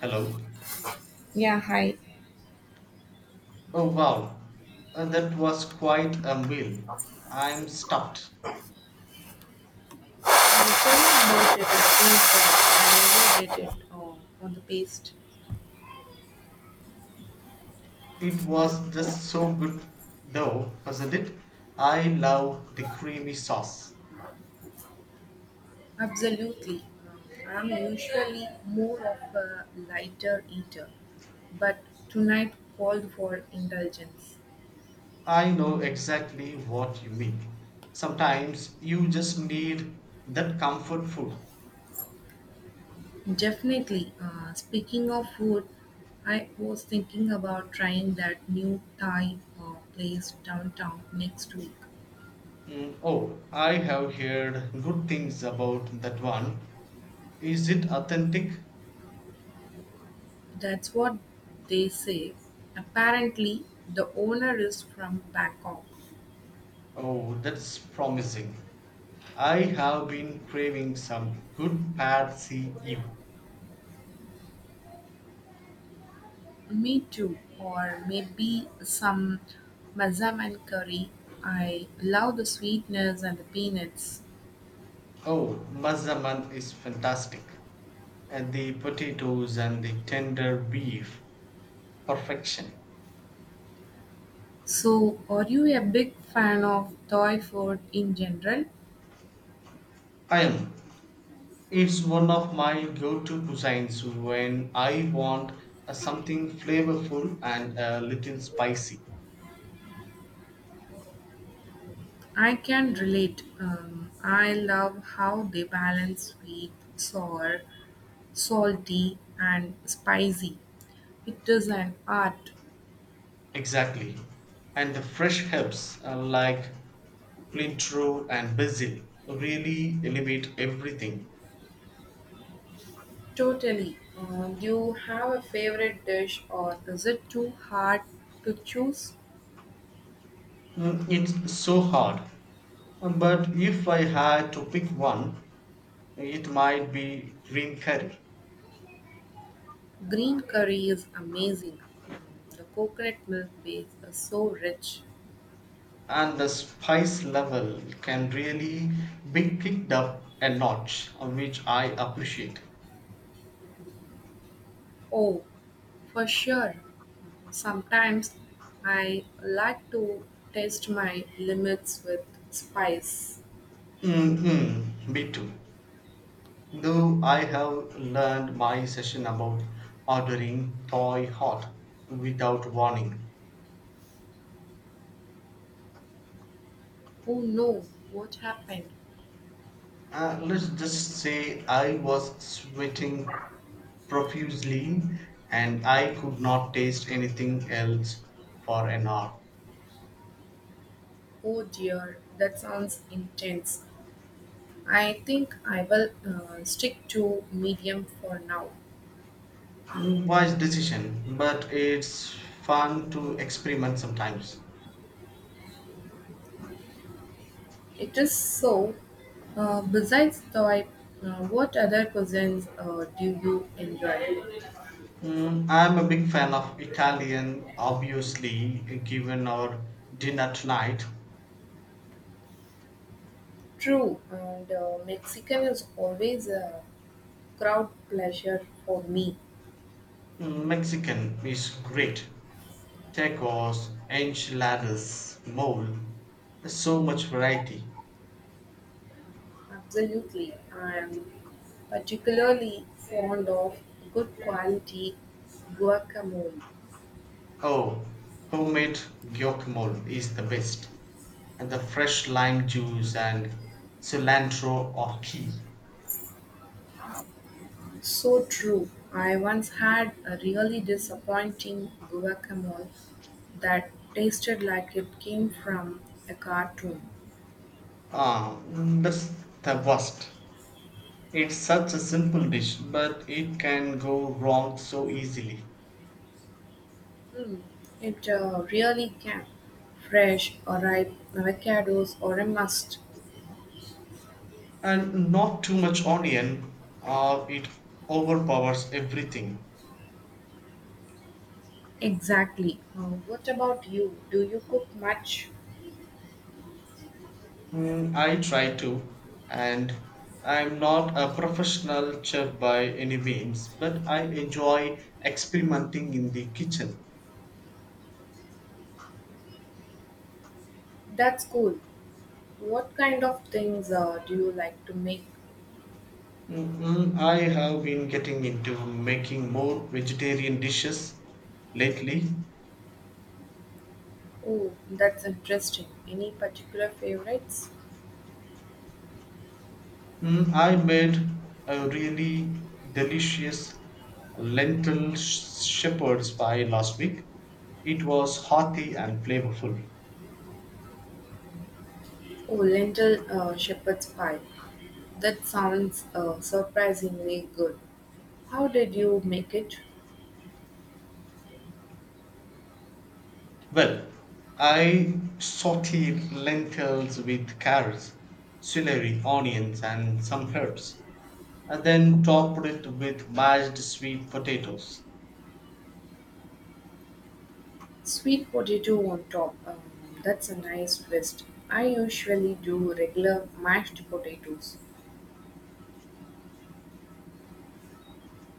Hello. Yeah, hi. Oh wow, that was quite a meal. I'm stuffed. I'm sorry about it. I think that I overdid it on the paste. It was just so good, though, wasn't it? I love the creamy sauce. Absolutely. I'm usually more of a lighter eater, but tonight called for indulgence. I know exactly what you mean. Sometimes you just need that comfort food. Definitely. Speaking of food, I was thinking about trying that new Thai place downtown next week. Mm, oh, I have heard good things about that one. Is it authentic? That's what they say. Apparently, the owner is from Bangkok. Oh, that's promising. I have been craving some good pad see ew. Me too. Or maybe some Mazaman curry. I love the sweetness and the peanuts. Oh, Mazaman is fantastic. And the potatoes and the tender beef. Perfection. So, are you a big fan of Thai food in general? I am. It's one of my go-to cuisines when I want something flavorful and a little spicy. I can relate. I love how they balance sweet, sour, salty, and spicy. It is an art. Exactly. And the fresh herbs like cilantro and basil really elevate everything. Totally. Do you have a favorite dish, or is it too hard to choose? It's so hard. But if I had to pick one, it might be green curry. Green curry is amazing. Um, the coconut milk base is so rich. And the spice level can really be picked up a notch, which I appreciate. Oh, for sure. Sometimes I like to test my limits with spice. Mm-mm, me too. Though I have learned my session about ordering toy hot without warning. Oh no, what happened? Let's just say I was sweating profusely and I could not taste anything else for an hour. Oh dear, that sounds intense. I think I will stick to medium for now. Wise decision, but it's fun to experiment sometimes. It is so. Besides Thai, what other cuisines do you enjoy? I'm a big fan of Italian, obviously, given our dinner tonight. True, and Mexican is always a crowd pleasure for me. Mexican is great. Tacos, enchiladas, mole. There's so much variety. Absolutely. I am particularly fond of good quality guacamole. Oh, homemade guacamole is the best. And the fresh lime juice and cilantro or key. So true. I once had a really disappointing guacamole that tasted like it came from a cartoon. Ah, that's the worst. It's such a simple dish, but it can go wrong so easily. Mm, it really can. Fresh or ripe avocados or a must. And not too much onion, or it overpowers everything. Exactly. What about you? Do you cook much? I try to, and I'm not a professional chef by any means, but I enjoy experimenting in the kitchen. That's cool. What kind of things do you like to make? I have been getting into making more vegetarian dishes lately. Oh, that's interesting. Any particular favorites? I made a really delicious shepherd's pie last week. It was hearty and flavorful. Oh, lentil shepherd's pie. That sounds surprisingly good. How did you make it? Well, I sauteed lentils with carrots, celery, onions, and some herbs, and then topped it with mashed sweet potatoes. Sweet potato on top. That's a nice twist. I usually do regular mashed potatoes.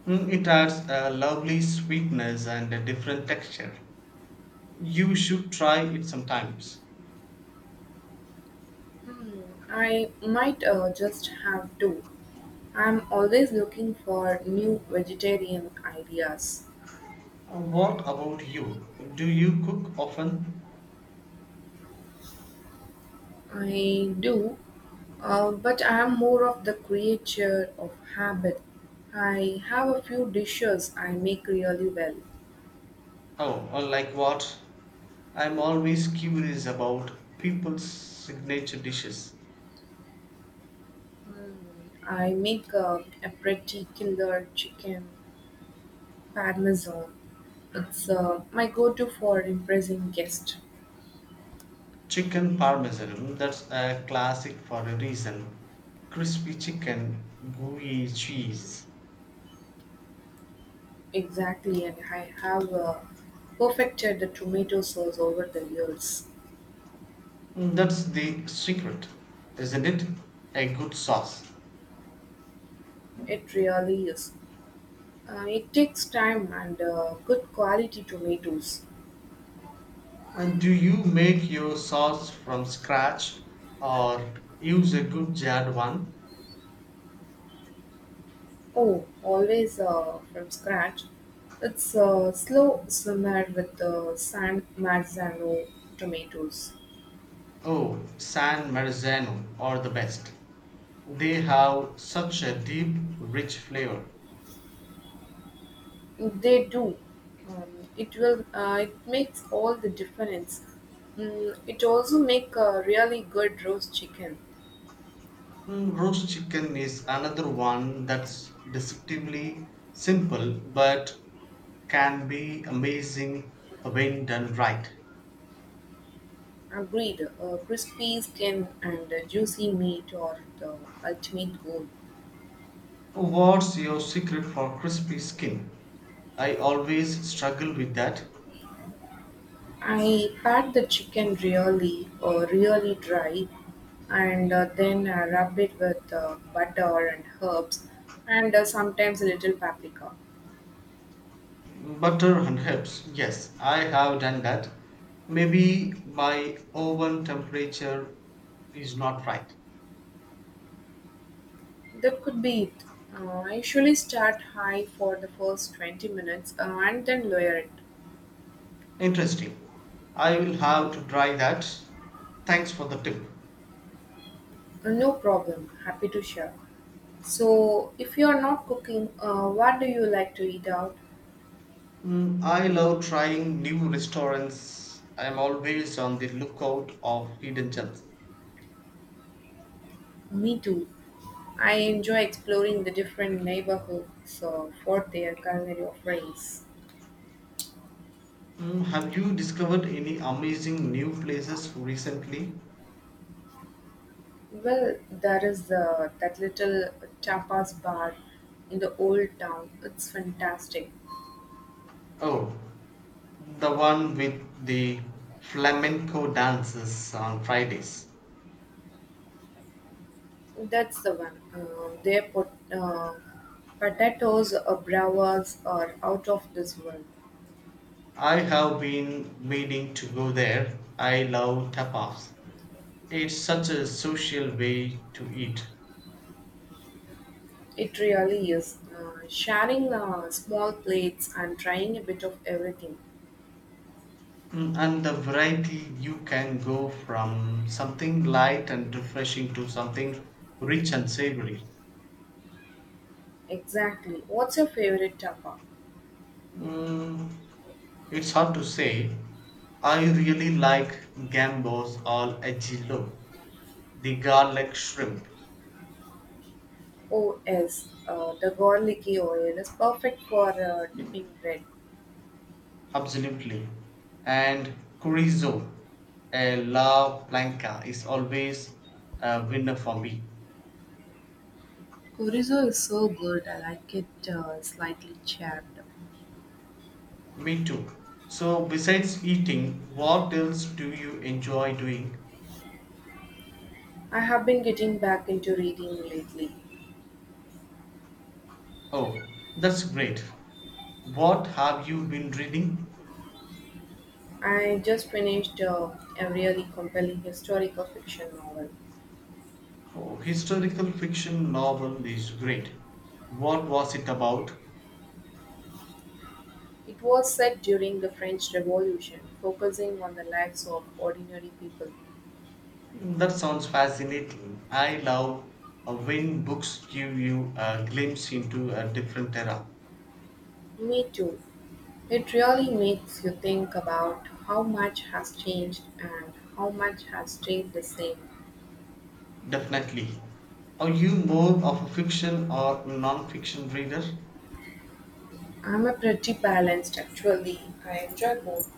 It adds a lovely sweetness and a different texture. You should try it sometimes. I might just have to. I'm always looking for new vegetarian ideas. What about you? Do you cook often? I do, but I am more of the creature of habit. I have a few dishes I make really well. Oh, or like what? I'm always curious about people's signature dishes. I make a pretty killer chicken parmesan. It's my go-to for impressing guests. Chicken parmesan, that's a classic for a reason. Crispy chicken, gooey cheese. Exactly, and I have perfected the tomato sauce over the years. That's the secret, isn't it? A good sauce. It really is. It takes time and good quality tomatoes. And do you make your sauce from scratch or use a good jarred one? Oh, always from scratch. It's slow simmer with San Marzano tomatoes. Oh, San Marzano are the best. They have such a deep, rich flavor. They do. It will. It makes all the difference. Mm, it also make a really good roast chicken. Roast chicken is another one that's deceptively simple but can be amazing when done right. Agreed. Crispy skin and juicy meat are the ultimate goal. What's your secret for crispy skin? I always struggle with that. I pat the chicken really dry, and then rub it with butter and herbs, and sometimes a little paprika. Butter and herbs. Yes, I have done that. Maybe my oven temperature is not right. That could be it. I usually start high for the first 20 minutes and then lower it. Interesting. I will have to try that. Thanks for the tip. No problem. Happy to share. So, if you are not cooking, what do you like to eat out? I love trying new restaurants. I am always on the lookout of hidden gems. Me too. I enjoy exploring the different neighborhoods for their culinary offerings. Mm, have you discovered any amazing new places recently? Well, there is that little tapas bar in the old town. It's fantastic. Oh, the one with the flamenco dances on Fridays. That's the one. Their potatoes or bravas are out of this world. I have been meaning to go there. I love tapas. It's such a social way to eat. It really is. Sharing small plates and trying a bit of everything. And the variety you can go from something light and refreshing to something rich and savory. Exactly. What's your favorite tapa? Mm, it's hard to say. I really like gambos al ajillo, the garlic shrimp, Oh, yes. The garlicky oil is perfect for dipping bread. absolutely. And chorizo, a la plancha, is always a winner for me. Chorizo is so good, I like it slightly chapped. Me too. So, besides eating, what else do you enjoy doing? I have been getting back into reading lately. Oh, that's great. What have you been reading? I just finished a really compelling historical fiction novel. Oh, historical fiction novel is great. What was it about? It was set during the French Revolution, focusing on the lives of ordinary people. That sounds fascinating. I love when books give you a glimpse into a different era. Me too. It really makes you think about how much has changed and how much has stayed the same. Definitely. Are you more of a fiction or non-fiction reader? I'm a pretty balanced actually. I enjoy both.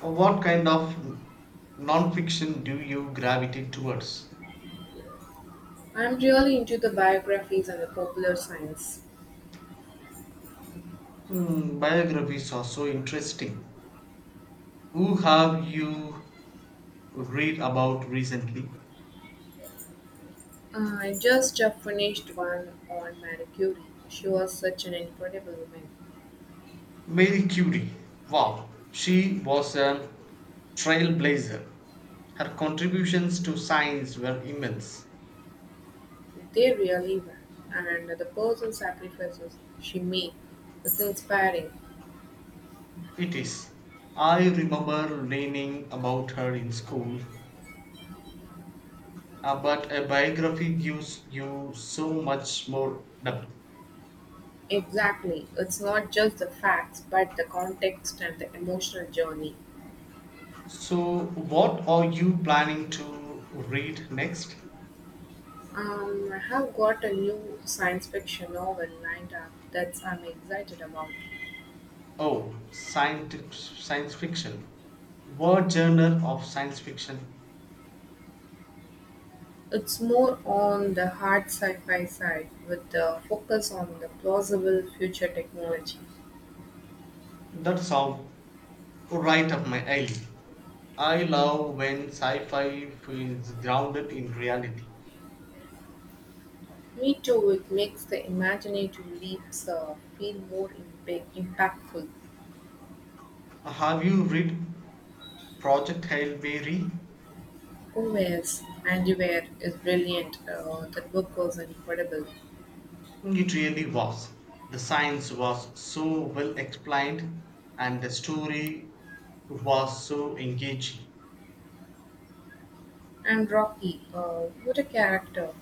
Or what kind of non-fiction do you gravitate towards? I'm really into the biographies and the popular science. Biographies are so interesting. Who have you read about recently? I just finished one on Marie Curie. She was such an incredible woman. Marie Curie. Wow, she was a trailblazer. Her contributions to science were immense. They really were. And the personal sacrifices she made is inspiring. It is. I remember learning about her in school, but a biography gives you so much more depth. Exactly. It's not just the facts, but the context and the emotional journey. So, what are you planning to read next? I have got a new science fiction novel lined up that I'm excited about. Oh, science fiction. What genre of science fiction? It's more on the hard sci-fi side, with the focus on the plausible future technology. That's all right up my alley. I love when sci fi feels grounded in reality. Me too. It makes the imaginative leaps feel more impa- impactful. Have you read Project Hail Mary? Gomez Andiver is brilliant. That book was incredible. It really was. The science was so well explained and the story was so engaging. And Rocky, what a character.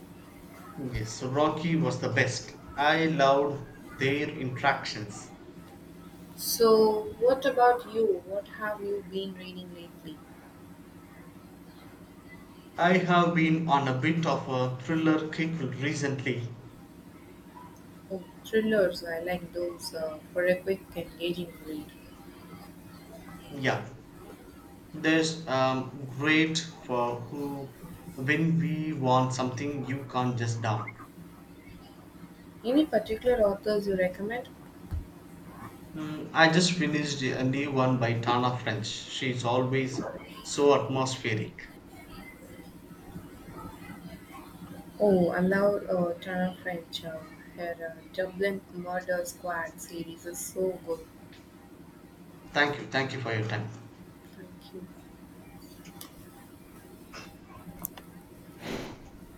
Yes, Rocky was the best. I loved their interactions. So, what about you? What have you been reading lately? I have been on a bit of a thriller kick recently. Oh, thrillers. I like those for a quick, engaging read. Yeah, there's great for who when we want something you can't just down. Any particular authors you recommend? I just finished a new one by Tana French. She's always so atmospheric. Oh, I love Tara French. Her Dublin Murder Squad series is so good. Thank you for your time. Thank you.